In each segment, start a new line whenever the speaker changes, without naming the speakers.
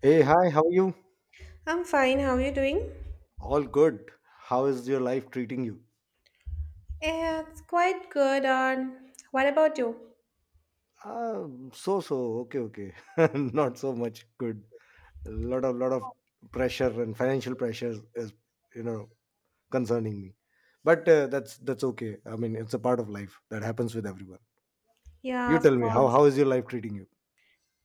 Hey, hi, how are you?
I'm fine. How are you doing?
All good. How is your life treating you?
Yeah, it's quite good. And what about you?
Uh, okay, okay. Not so much good. A lot of pressure and financial pressure is, you know, concerning me. But that's okay. I mean, it's a part of life that happens with everyone.
Yeah,
You
of
tell me, how
course.
how is your life treating you?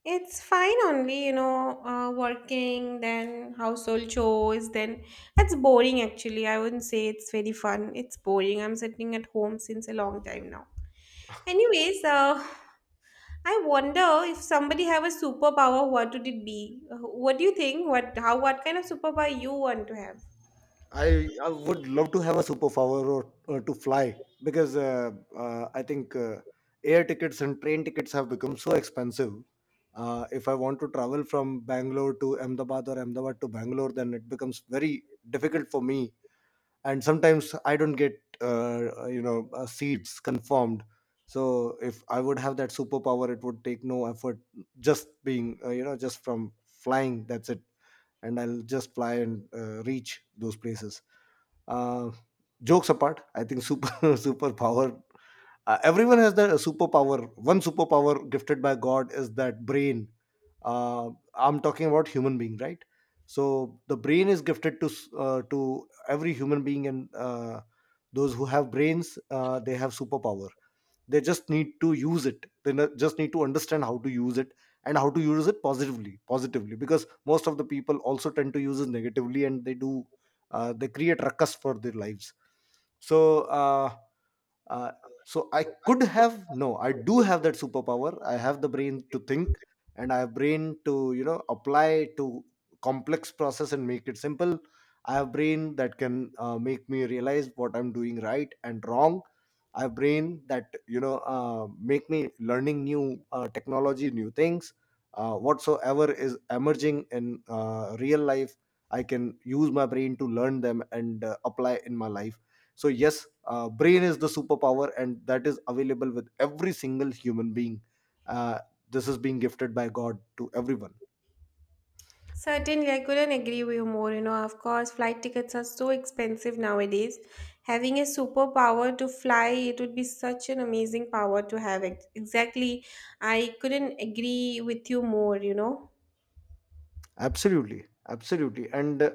It's fine only, you know, working, then household chores, then it's boring actually. I wouldn't say it's very fun. It's boring. I'm sitting at home since a long time now. Anyways, I wonder if somebody have a superpower, what would it be? What do you think? What, how, what kind of superpower you want to have?
I would love to have a superpower or to fly because I think air tickets and train tickets have become so expensive. If I want to travel from Bangalore to Ahmedabad or Ahmedabad to Bangalore, then it becomes very difficult for me. And sometimes I don't get seats confirmed. So if I would have that superpower, it would take no effort. Just being just from flying, that's it, and I'll just fly and reach those places. Uh, Jokes apart, I think super superpower. Everyone has their superpower. One superpower gifted by God is that brain. I'm talking about human being, right? So the brain is gifted to to every human being, and those who have brains, they have superpower. They just need to use it. They just need to understand how to use it, and how to use it positively, because most of the people also tend to use it negatively, and they do they create ruckus for their lives. So uh, uh, so I could have, no, I do have that superpower. I have the brain to think, and I have brain to, you know, apply to complex process and make it simple. I have brain that can make me realize what I'm doing right and wrong. I have brain that, you know, make me learning new technology, new things, whatsoever is emerging in real life. I can use my brain to learn them and apply in my life. So yes, brain is the superpower, and that is available with every single human being. uh, this is being gifted by god to everyone.
Certainly, I couldn't agree with you more. You know, of course, flight tickets are so expensive nowadays. Having a superpower to fly, it would be such an amazing power to have. Exactly. I couldn't agree with you more, you know.
Absolutely, and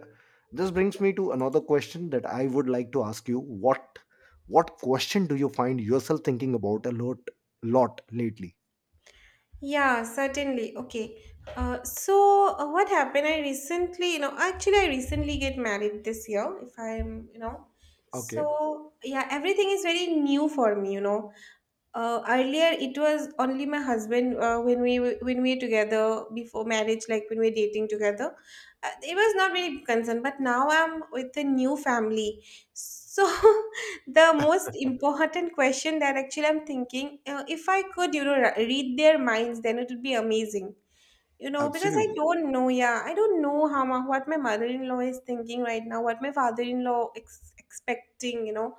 this brings me to another question that I would like to ask you. What question do you find yourself thinking about a lot, lately?
Yeah, certainly. Okay. What happened? I recently, you know, actually, I recently get married this year, if I'm, you know.
Okay.
So yeah, everything is very new for me, you know. Earlier, it was only my husband when we were together before marriage, like when we were dating together. It was not very concerned, but now I'm with a new family. So the most important question that actually I'm thinking, if I could, you know, read their minds, then it would be amazing. You know, because I
Absolutely.
don't know, yeah, I don't know how my, what my mother-in-law is thinking right now, what my father-in-law expecting, you know.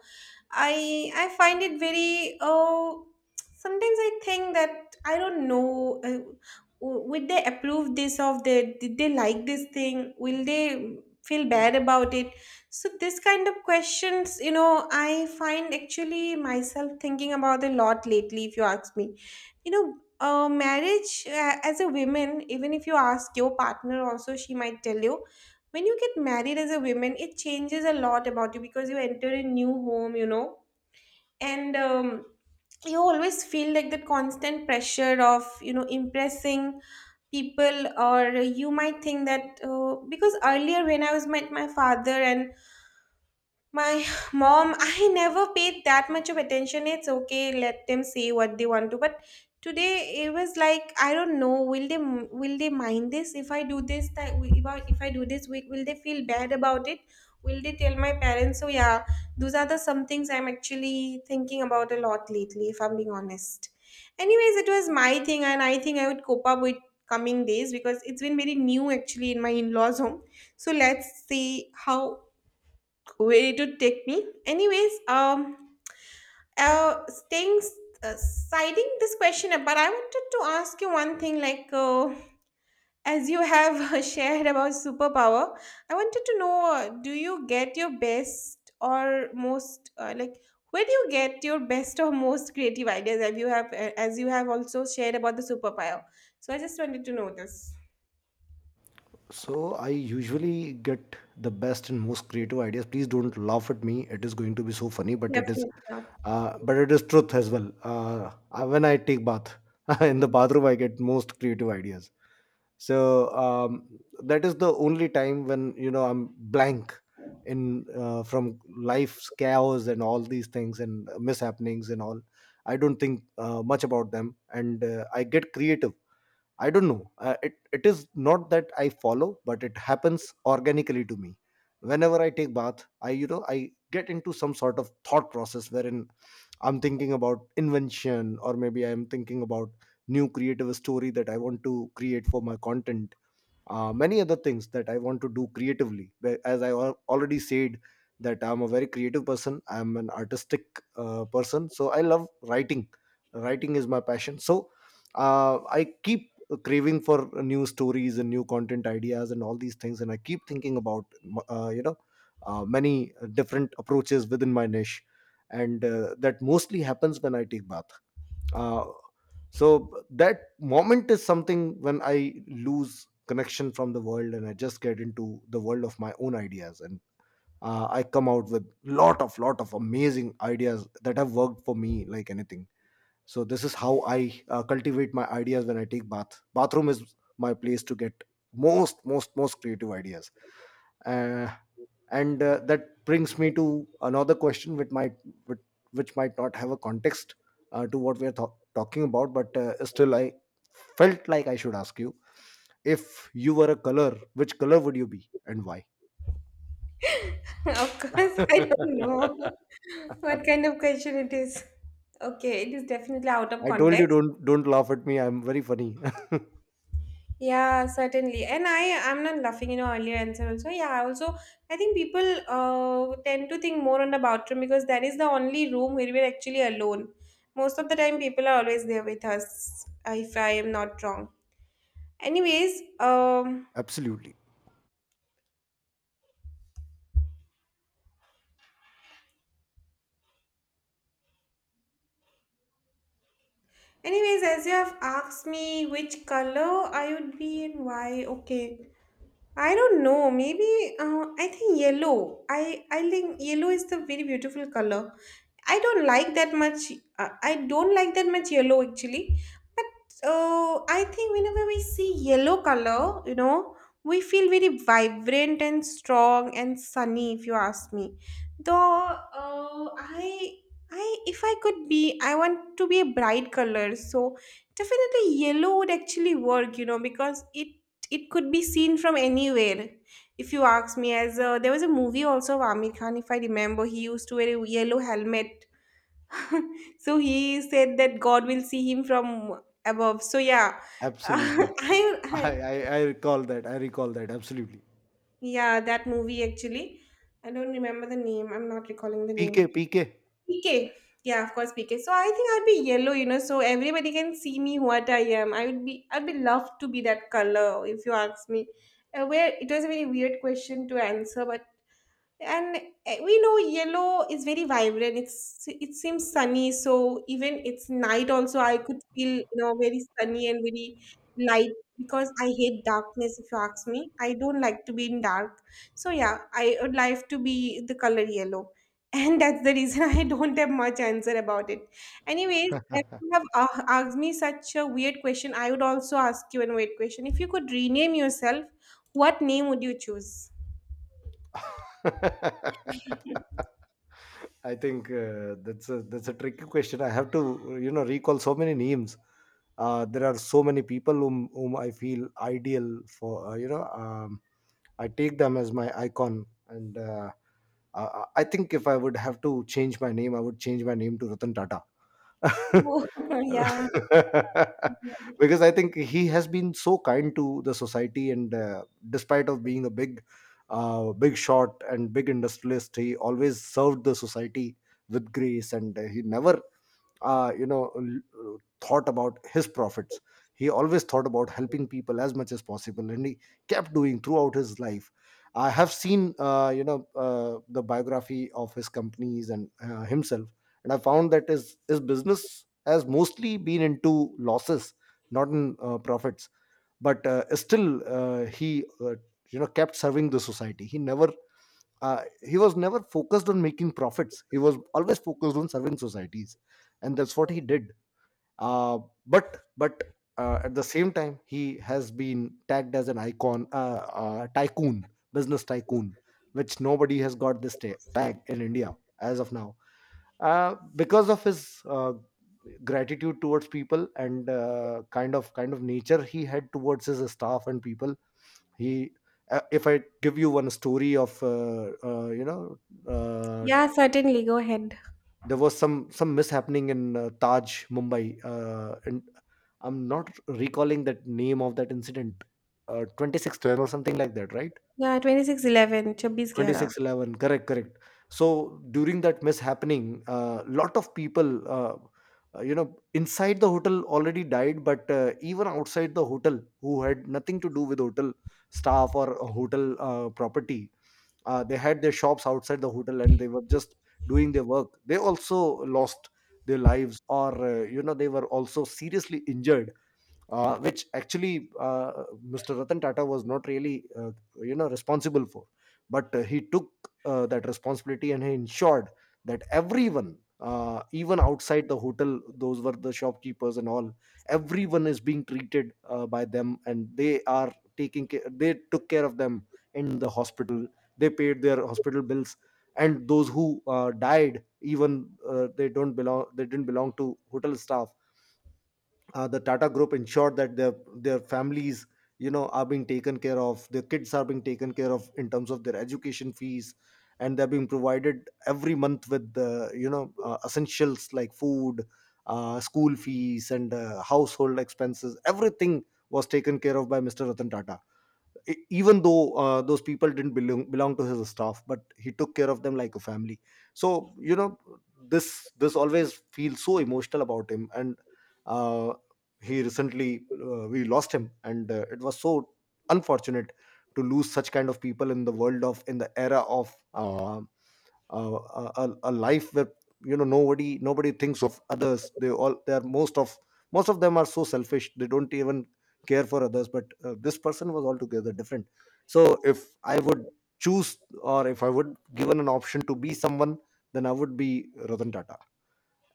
I find it very, oh, sometimes I think that I don't know, would they approve this of the, did they like this thing, will they feel bad about it? So this kind of questions, you know, I find actually myself thinking about a lot lately, if you ask me, you know. Marriage, as a woman, even if you ask your partner also, she might tell you, when you get married as a woman it changes a lot about you because you enter a new home, you know. And you always feel like that constant pressure of, you know, impressing people, or you might think that, because earlier when I was met my father and my mom, I never paid that much of attention. It's okay, let them say what they want to. But today it was like I don't know. Will they mind this if I do this? If I do this, will they feel bad about it? Will they tell my parents? So yeah, those are the some things I'm actually thinking about a lot lately. If I'm being honest. Anyways, it was my thing, and I think I would cope up with coming days because it's been very new actually in my in-laws home. So let's see how way to take me. Anyways, staying, citing this question, but I wanted to ask you one thing, like, as you have shared about superpower, I wanted to know, do you get your best or most, like, where do you get your best or most creative ideas, as you have also shared about the superpower, so I just wanted to know this.
So I usually get the best and most creative ideas. Please don't laugh at me. It is going to be so funny, but
Definitely not.
it is truth as well. When I take bath in the bathroom, I get most creative ideas. So um, that is the only time when, you know, I'm blank in, from life's chaos and all these things and mishappenings and all. I don't think much about them, and I get creative. I don't know. It is not that I follow, but it happens organically to me. Whenever I take bath, I, you know, I get into some sort of thought process wherein I'm thinking about invention, or maybe I'm thinking about new creative story that I want to create for my content, many other things that I want to do creatively. As I already said, that I'm a very creative person. I'm an artistic person, so I love writing. Writing is my passion. So I keep craving for new stories and new content ideas and all these things, and I keep thinking about uh, you know many different approaches within my niche, and that mostly happens when I take bath. Uh, so that moment is something when I lose connection from the world, and I just get into the world of my own ideas, and I come out with lot of amazing ideas that have worked for me like anything. So this is how I cultivate my ideas. When I take bath, bathroom is my place to get most creative ideas. Uh, and That brings me to another question which might, which, which might not have a context to what we are talking about, but still I felt like I should ask you, if you were a color, which color would you be, and why?
Of course, I don't
I
know what kind of question it is. Okay, it is definitely out of
told you,
context.
don't laugh at me, I'm very funny.
Yeah, certainly. And I am not laughing, you know, earlier answer also. Yeah, I also I think people tend to think more on the bathroom because that is the only room where we're actually alone. Most of the time people are always there with us, if I am not wrong. Anyways, um
Absolutely.
as you have asked me which color I would be and why, okay. I don't know. Maybe I think yellow. I think yellow is the very beautiful color. I don't like that much. I don't like that much yellow actually. But I think whenever we see yellow color, you know, we feel very vibrant and strong and sunny. If you ask me, though, uh, I I if I could be, I want to be a bright color. So definitely yellow would actually work. You know, because it could be seen from anywhere, if you ask me, as there was a movie also of Amir Khan, if I remember, he used to wear a yellow helmet, so he said that God will see him from above. So yeah,
Absolutely.
I
I,
had
I i recall that. I recall that absolutely.
yeah, that movie actually, I don't remember the name, I'm not recalling the
P K.
name.
P K.
PK. Yeah, of course, PK. So I think I'd be yellow, you know, so everybody can see me what I am. I'd be loved to be that color if you ask me. Where it was a very weird question to answer, but and we know yellow is very vibrant, it seems sunny, so even it's night also I could feel, you know, very sunny and very light, because I hate darkness, if you ask me, I don't like to be in dark. So yeah, I would like to be the color yellow. And that's the reason, I don't have much answer about it. Anyways, if you have asked me such a weird question, I would also ask you a weird question. If you could rename yourself, what name would you choose?
I think that's a tricky question. I have to, you know, recall so many names. There are so many people whom I feel ideal for. I take them as my icon, and I think if I would have to change my name, I would change my name to Ratan Tata.
Oh, yeah.
Because I think he has been so kind to the society, and despite of being a big, big shot and big industrialist, he always served the society with grace, and he never uh, you know l- uh, thought about his profits. He always thought about helping people as much as possible, and he kept doing throughout his life. I have seen, the biography of his companies and himself, and I found that his business has mostly been into losses, not in profits. But still he You know, kept serving the society. He never he was never focused on making profits. He was always focused on serving societies, and that's what he did. Uh, but but uh, at the same time, he has been tagged as an icon, tycoon, business tycoon, which nobody has got this tag in india as of now, because of his gratitude towards people, and kind of nature he had towards his staff and people. He If I give you one story of uh,
Yeah, certainly. Go ahead.
there was some mishappening in taj mumbai, and I'm not recalling that name of that incident. 2610 or something like that, right?
Yeah, 2611. Chabis Gyara.
2611, correct, correct. So during that mishappening, a lot of people, uh, uh, you know inside the hotel, already died, but even outside the hotel, who had nothing to do with hotel staff or a hotel property, they had their shops outside the hotel, and they were just doing their work. They also lost their lives, or you know, they were also seriously injured, which actually Mr. Ratan Tata was not really, you know, responsible for. But he took that responsibility, and he ensured that everyone, even outside the hotel, those were the shopkeepers and all, everyone is being treated by them, and they are taking care. They took care of them in the hospital. They paid their hospital bills. And those who died, even they didn't belong to hotel staff. The Tata Group ensured that their families, you know, are being taken care of. Their kids are being taken care of in terms of their education fees, and they're being provided every month with the, you know, essentials like food, school fees, and household expenses. Everything was taken care of by Mr. Ratan Tata, even though those people didn't belong to his staff, but he took care of them like a family. So you know, this always feels so emotional about him, and uh, he recently, we lost him, and it was so unfortunate to lose such kind of people in the world of, in the era of a life where you know, nobody thinks of others. They all, they are, most of them are so selfish, they don't even care for others, but this person was altogether different. So if I would choose, or if I would given an option to be someone, then I would be Ratan Tata.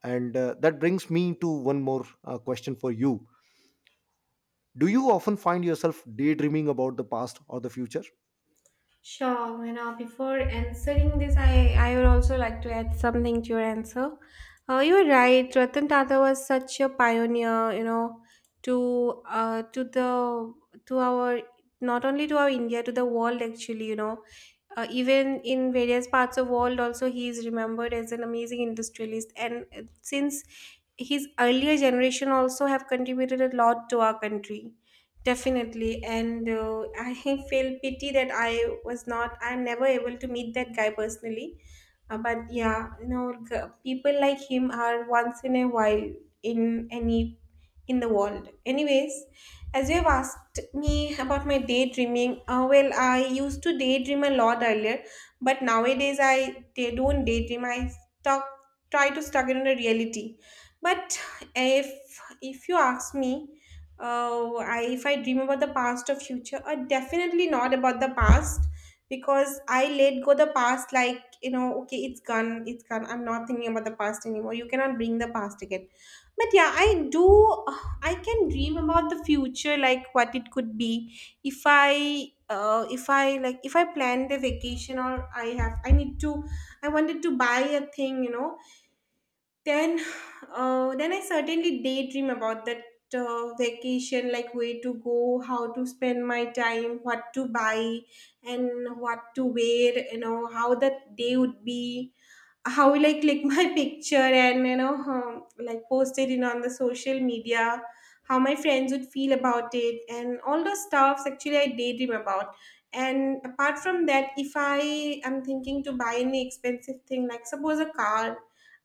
And that brings me to one more question for you. Do you often find yourself daydreaming about the past or the future?
Sure. You know, before answering this, I would also like to add something to your answer. You are right. Ratan Tata was such a pioneer, you know, to the to our not only to our India, to the world actually. You know, even in various parts of world also he is remembered as an amazing industrialist, and since his earlier generation also have contributed a lot to our country definitely. And I feel pity that I was not I'm never able to meet that guy personally. Uh, but yeah, you know, people like him are once in a while in any, in the world. Anyways, as you've asked me about my daydreaming, well, I used to daydream a lot earlier, but nowadays I they don't daydream. Stuck, try to stuck in the reality. But if if you ask me, if I dream about the past or future, definitely not about the past, because I let go the past, like, you know, okay, it's gone, it's gone. I'm not thinking about the past anymore. You cannot bring the past again, but yeah, I do. I can dream about the future, like what it could be. If I like, if I planned a vacation, or I need to, I wanted to buy a thing, you know. Then, then I certainly daydream about that, vacation, like where to go, how to spend my time, what to buy, and what to wear. You know how that day would be, how will I click my picture, and you know, like post it in on the social media, how my friends would feel about it, and all those stuffs actually I daydream about. And apart from that, if I am thinking to buy any expensive thing, like suppose a car,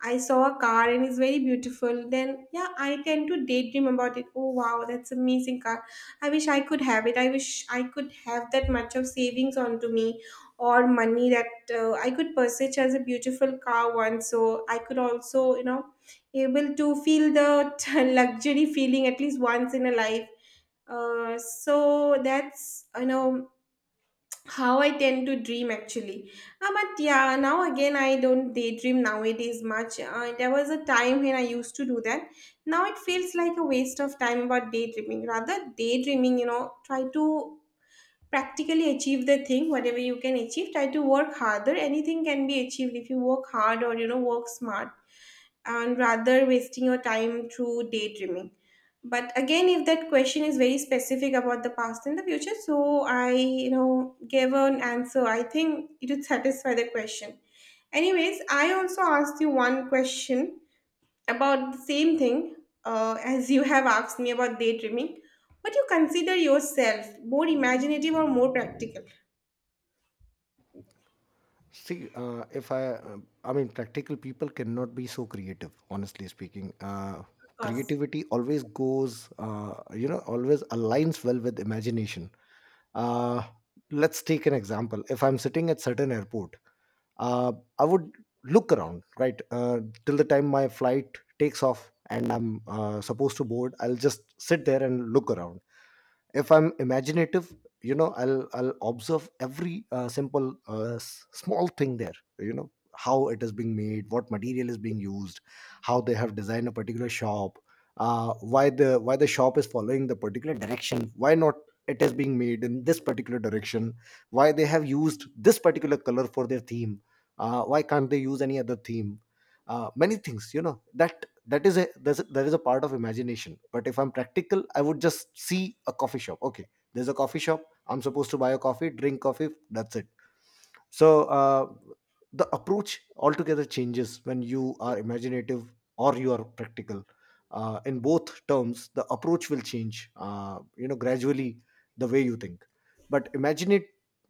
I saw a car and it's very beautiful, then yeah, I tend to daydream about it. Oh wow, that's amazing car. I wish I could have it. I wish I could have that much of savings onto me, or money, that I could purchase as a beautiful car once. So I could also, you know, able to feel the luxury feeling at least once in a life. So that's, you know, how I tend to dream actually. But yeah, now again I don't daydream nowadays much. There was a time when I used to do that. Now it feels like a waste of time about daydreaming. Rather daydreaming, you know, try to practically achieve the thing, whatever you can achieve, try to work harder, anything can be achieved if you work hard, or you know, work smart, and rather wasting your time through daydreaming. But again, if that question is very specific about the past and the future, so I, you know, gave an answer, I think it would satisfy the question. Anyways, I also asked you one question about the same thing, as you have asked me about daydreaming. Would you consider yourself more imaginative or more practical? Of
See, if I, I mean, practical people cannot be so creative, honestly speaking.
course.
Creativity always goes, you know, always aligns well with imagination. Uh, let's take an example. If I'm sitting at certain airport, uh, I would look around, right, till the time my flight takes off and I'm supposed to board. I'll just sit there and look around. If I'm imaginative, I'll observe every simple small thing there, you know. How it is being made, what material is being used, how they have designed a particular shop. Why the why the shop is following the particular direction, why not it is being made in this particular direction, why they have used this particular color for their theme. Why can't they use any other theme? Many things, you know, that that is a that's a- that is a part of imagination. But if I'm practical, I would just see a coffee shop. Okay, there's a coffee shop, I'm supposed to buy a coffee, drink coffee, that's it. So the approach altogether changes when you are imaginative or you are practical. In both terms, the approach will change, you know, gradually, the way you think. But imagine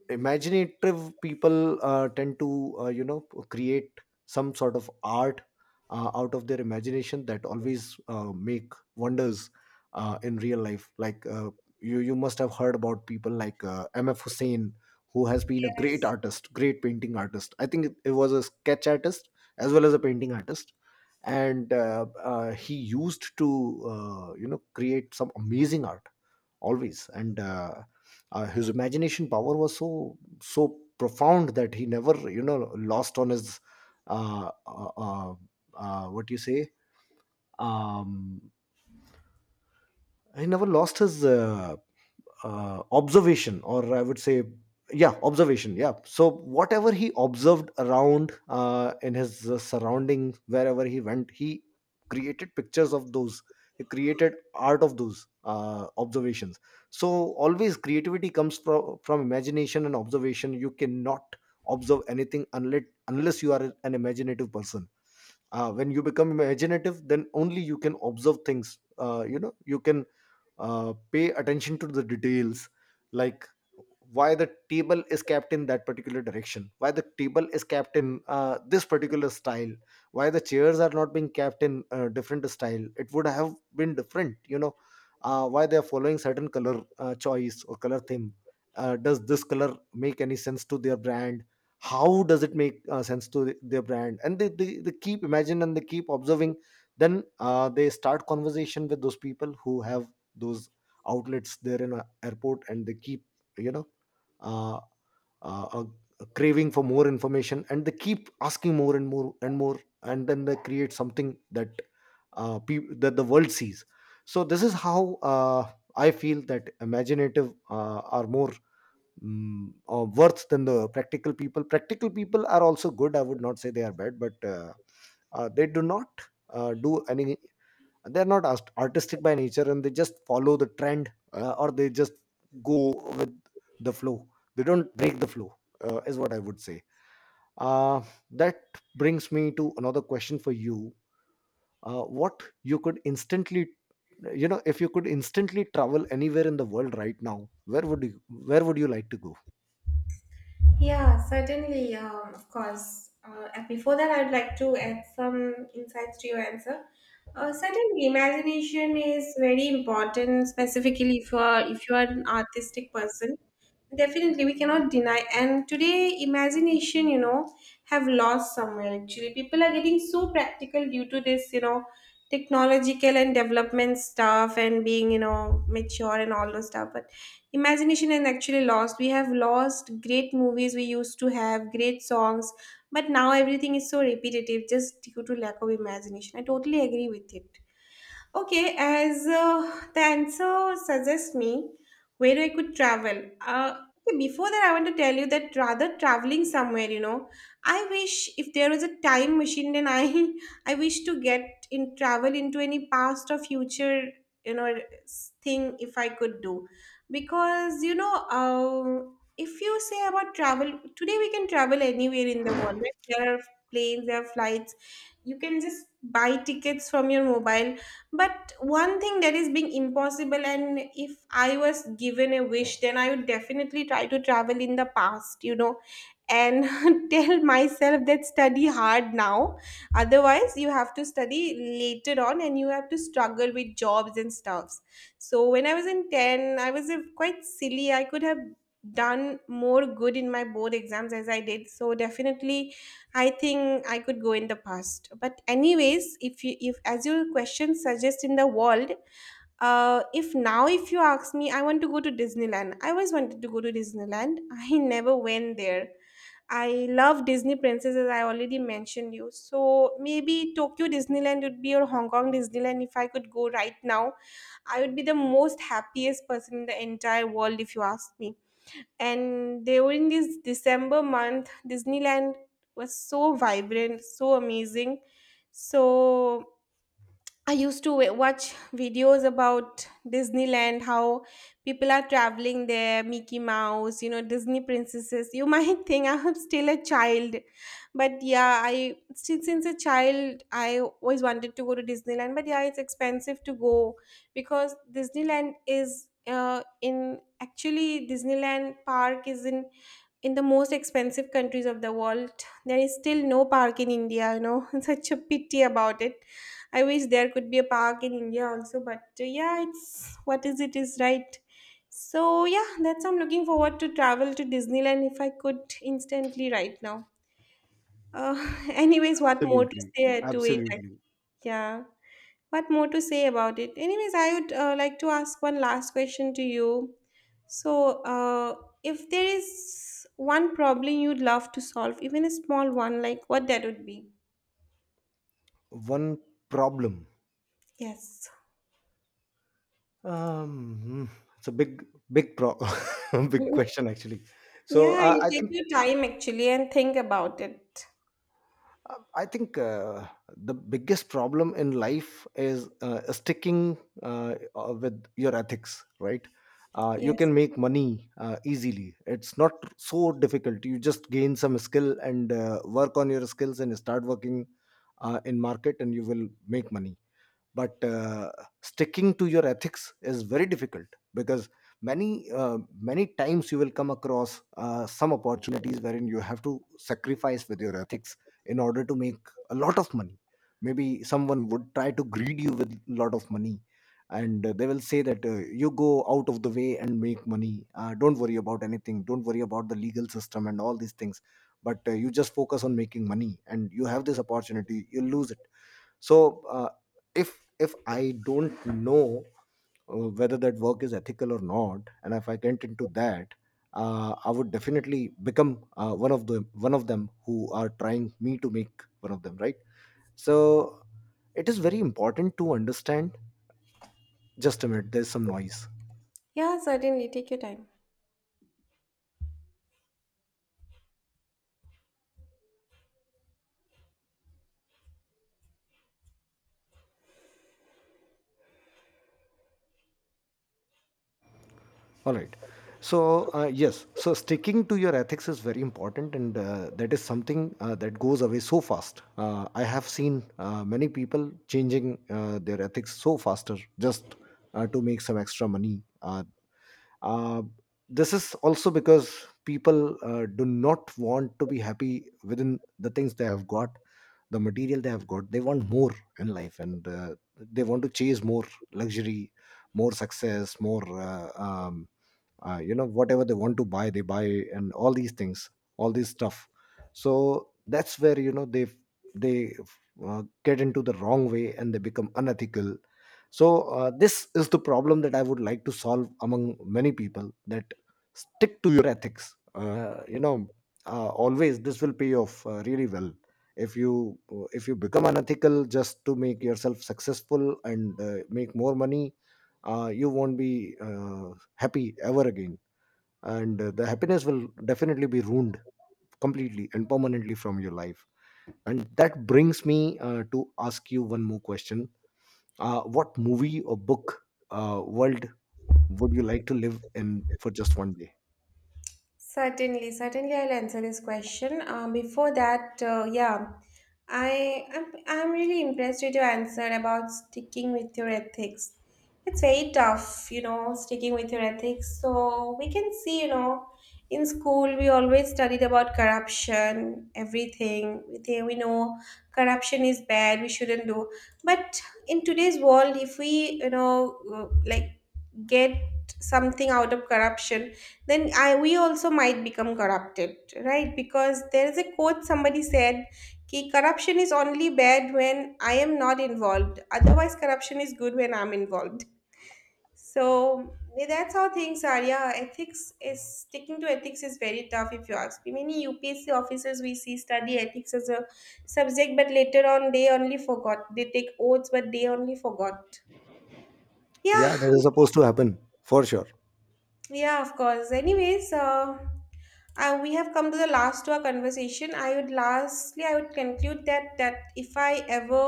imaginative people tend to, you know, create some sort of art out of their imagination that always make wonders in real life. Like, you must have heard about people like MF Hussain, who has been a great artist, great painting artist. I think it was a sketch artist as well as a painting artist, and he used to, you know, create some amazing art always. And his imagination power was so so profound that he never, you know, lost on his uh, uh, uh, what do you say, um, he never lost his observation, or I would say, yeah, observation, yeah. So whatever he observed around, in his surrounding, wherever he went, he created pictures of those, he created art of those observations. So always creativity comes from imagination and observation. You cannot observe anything unless unless you are an imaginative person. When you become imaginative, then only you can observe things, you know, you can pay attention to the details. Like, why the table is kept in that particular direction, why the table is kept in this particular style, why the chairs are not being kept in different style, it would have been different, you know. Why they are following certain color choice or color theme? Does this color make any sense to their brand? How does it make sense to their brand? And they keep imagine and they keep observing. Then they start conversation with those people who have those outlets there in a airport, and they keep, you know, uh, uh, a a craving for more information, and they keep asking more and more and more, and then they create something that peop that the world sees. So this is how, I feel that imaginative are more, worth than the practical people. Practical people are also good, I would not say they are bad, but they do not do any, they're not artistic by nature, and they just follow the trend, or they just go with the flow, they don't break the flow, is what I would say. uh, that brings me to another question for you. What you could instantly, you know, if you could instantly travel anywhere in the world right now, where would you, where would you like to go?
Yeah, certainly, of course. And before that, I'd like to add some insights to your answer. Certainly, imagination is very important, specifically if you are an artistic person. Definitely, we cannot deny. And today, imagination, you know, have lost somewhere actually. People are getting so practical due to this, technological and development stuff and being, mature and all those stuff. But imagination is actually lost. We have lost great movies we used to have, great songs. But now everything is so repetitive just due to lack of imagination. I totally agree with it. Okay, as the answer suggests me, where I could travel. Okay, before that, I want to tell you that rather traveling somewhere, you know, I wish if there was a time machine, then I I wish to get in travel into any past or future, you know, s- thing if I could do, because if you say about travel today, we can travel anywhere in the world, right? There are planes, there are flights. You can just buy tickets from your mobile, but one thing that is being impossible, and if I was given a wish, then I would definitely try to travel in the past, you know, and tell myself that study hard now, otherwise you have to study later on and you have to struggle with jobs and stuffs. So when I was in 10, I was a, quite silly. I could have done more good in my board exams as I did. So definitely I think I could go in the past. But anyways, if you if as your question suggests in the world, if now if you ask me, I want to go to Disneyland. I always wanted to go to Disneyland. I never went there. I love Disney princesses. I already mentioned you. So maybe Tokyo Disneyland would be or Hong Kong Disneyland. If I could go right now, I would be the most happiest person in the entire world. If you ask me, and during this December month, Disneyland was so vibrant, so amazing, so I used to wa- watch videos about Disneyland, how people are traveling there, Mickey Mouse, you know, Disney princesses. You might think I'm still a child, but yeah, I since a child I always wanted to go to Disneyland. But yeah, it's expensive to go because Disneyland is in actually Disneyland Park is in the most expensive countries of the world. There is still no park in India. You know, such a pity about it. I wish there could be a park in India also, but yeah, it's what is it is right. So yeah, that's I'm looking forward to travel to Disneyland if I could instantly right now. Uh, anyways, what more to
Absolutely,
say to it? I-
absolutely.
Yeah, what more to say about it? Anyways, I would like to ask one last question to you. So, uh, if there is one problem you'd love to solve, even a small one, like what that would be?
One problem.
Yes.
um hmm, it's a big big pro- big question, actually. So
Yeah, you
I
take
think,
your time actually and think about it.
I think the biggest problem in life is sticking, with your ethics, right? You
Yes.
can make money easily. It's not so difficult. You just gain some skill and work on your skills and start working in market, and you will make money. But sticking to your ethics is very difficult, because many times you will come across some opportunities wherein you have to sacrifice with your ethics in order to make a lot of money. Maybe someone would try to greed you with a lot of money, and they will say that, you go out of the way and make money, don't worry about anything, don't worry about the legal system and all these things, but you just focus on making money, and you have this opportunity, you lose it. So if if I don't know whether that work is ethical or not, and if I get into that, I would definitely become one of the one of them, who are trying me to make one of them, right? So it is very important to understand. Just a minute, there's some noise.
Yeah, certainly. Take your time.
All right. So, yes, so sticking to your ethics is very important, and that is something that goes away so fast. I have seen many people changing their ethics so faster just to make some extra money. Uh, this is also because people do not want to be happy within the things they have got, the material they have got. They want more in life, and they want to chase more luxury, more success, more. You know, whatever they want to buy they buy, and all these things, all this stuff. So that's where, you know, they get into the wrong way and they become unethical. So this is the problem that I would like to solve among many people, that stick to your ethics, you know, always this will pay off really well. If you, if you become unethical just to make yourself successful and make more money, you won't be happy ever again, and the happiness will definitely be ruined completely and permanently from your life. And that brings me to ask you one more question. What movie or book world would you like to live in for just one day?
Certainly, certainly, I'll answer this question. Before that, yeah, I'm really impressed with your answer about sticking with your ethics. It's very tough, you know, sticking with your ethics. So we can see, you know, in school we always studied about corruption, everything. We think we know corruption is bad. We shouldn't do. But in today's world, if we, you know, like get something out of corruption, then I we also might become corrupted, right? Because there is a quote somebody said, "Ki corruption is only bad when I am not involved. Otherwise, corruption is good when I'm involved." So yeah, that's how things are. Yeah, ethics is sticking to ethics is very tough if you ask me. Many UPSC officers we see study ethics as a subject, but later on they only forgot. They take oaths, but they only forgot.
Yeah, that
Yeah,
is supposed to happen for sure.
yeah, of course. Anyways, we have come to the last to our conversation. I would lastly, I would conclude that that if I ever,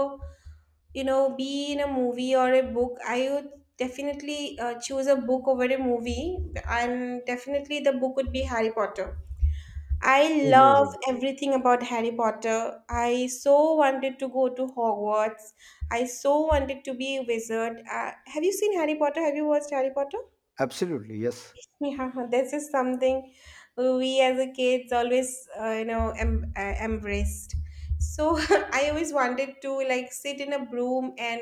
you know, be in a movie or a book, I would definitely choose a book over a movie, and definitely the book would be Harry Potter. I love
Amazing.
everything about Harry Potter. I so wanted to go to Hogwarts. I so wanted to be a wizard. Have you seen Harry Potter? Have you watched Harry Potter?
Absolutely, yes.
Yeah, this is something we as a kids always, you know, embraced. So I always wanted to like sit in a broom and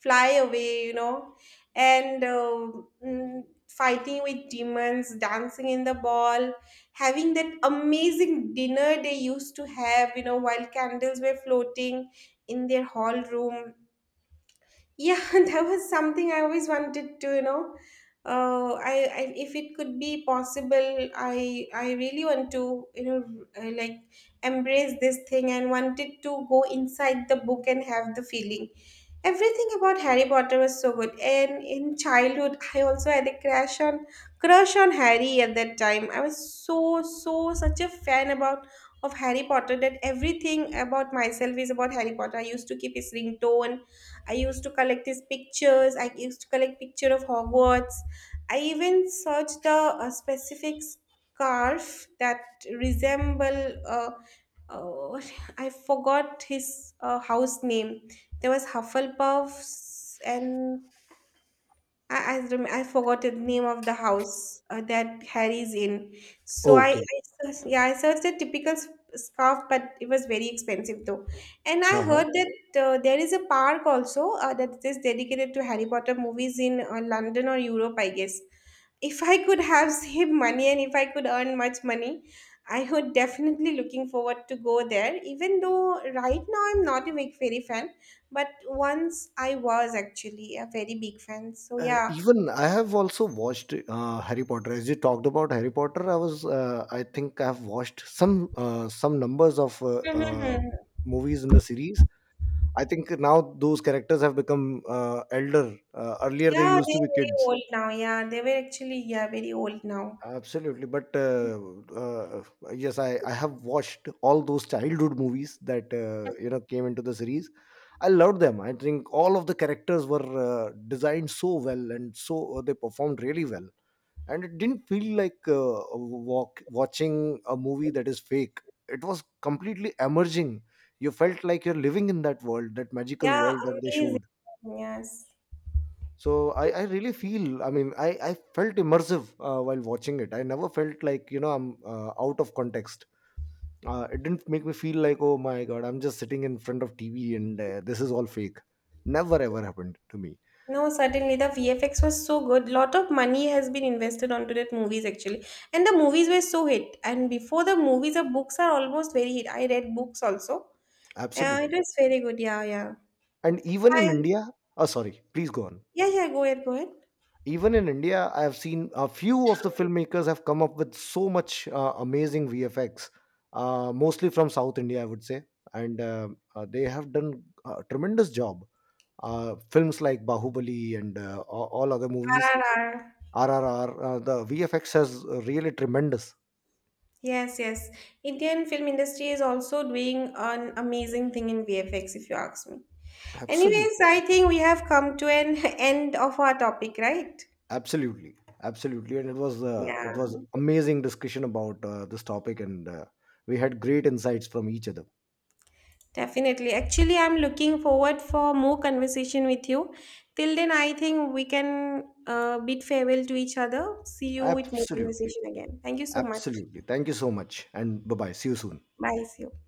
fly away, you know, and fighting with demons, dancing in the ball, having that amazing dinner they used to have, you know, while candles were floating in their hall room. Yeah, that was something I always wanted to, you know. I if it could be possible, I really want to, you know, like embrace this thing and wanted to go inside the book and have the feeling. Everything about Harry Potter was so good. And in childhood, I also had a crush on Harry at that time. I was so such a fan about of Harry Potter that everything about myself is about Harry Potter. I used to keep his ringtone. I used to collect his pictures. I used to collect picture of Hogwarts. I even searched the specific scarf that resemble. Oh, I forgot his house name. There was Hufflepuffs, and I forgot the name of the house that Harry's in. So, I
Okay.
searched- yeah I searched a typical s- scarf, but it was very expensive though. And I
Uh-huh.
heard that there is a park also that is dedicated to Harry Potter movies in London or Europe, I guess. If I could have saved money and if I could earn much money, I would definitely looking forward to go there. Even though right now I'm not a big fairy fan, but once I was actually a very big fan. So yeah,
Even I have also watched Harry Potter. As you talked about Harry Potter, I was, I think I have watched some, some numbers of
mhm.
movies in the series. I think now those characters have become elder. Earlier, they
Yeah,
used
they're
to be
very
kids.
old now. Yeah, they were actually, yeah, very old now.
Absolutely, but uh, yes, I have watched all those childhood movies that, you know, came into the series. I loved them. I think all of the characters were designed so well, and so they performed really well. And it didn't feel like a walk, watching a movie that is fake. It was completely emerging. You felt like you're living in that world, that magical
Yeah,
world that they
amazing.
showed.
Yes.
So I really feel, I mean, I felt immersive while watching it. I never felt like, you know, I'm out of context. It didn't make me feel like, oh my god, I'm just sitting in front of TV, and this is all fake. Never ever happened to me.
No, certainly the VFX was so good. Lot of money has been invested onto that movies actually, and the movies were so hit. And before the movies, the books are almost very hit. I read books also. Yeah, it
Absolutely.
was very good. Yeah, yeah.
And even in
I
India. Oh, sorry, please go on.
yeah, yeah. Go ahead, go ahead.
Even in India, I have seen a few of the filmmakers have come up with so much amazing VFX, mostly from South India, I would say. And they have done a tremendous job. Films like Bahubali, and all other
R
movies,
R R.
RRR, the VFX has really tremendous.
Yes, yes. Indian film industry is also doing an amazing thing in VFX, if you ask me. Anyways,
Absolutely,
I think we have come to an end of our topic, right?
absolutely, absolutely. And it was,
Yeah,
it was amazing discussion about this topic, and we had great insights from each other.
definitely. Actually, I'm looking forward for more conversation with you. Till then, I think we can bid farewell to each other. See you with more
Absolutely,
conversation again. Thank you so much.
absolutely. Thank you so much, and bye bye. See you soon.
Bye. See you.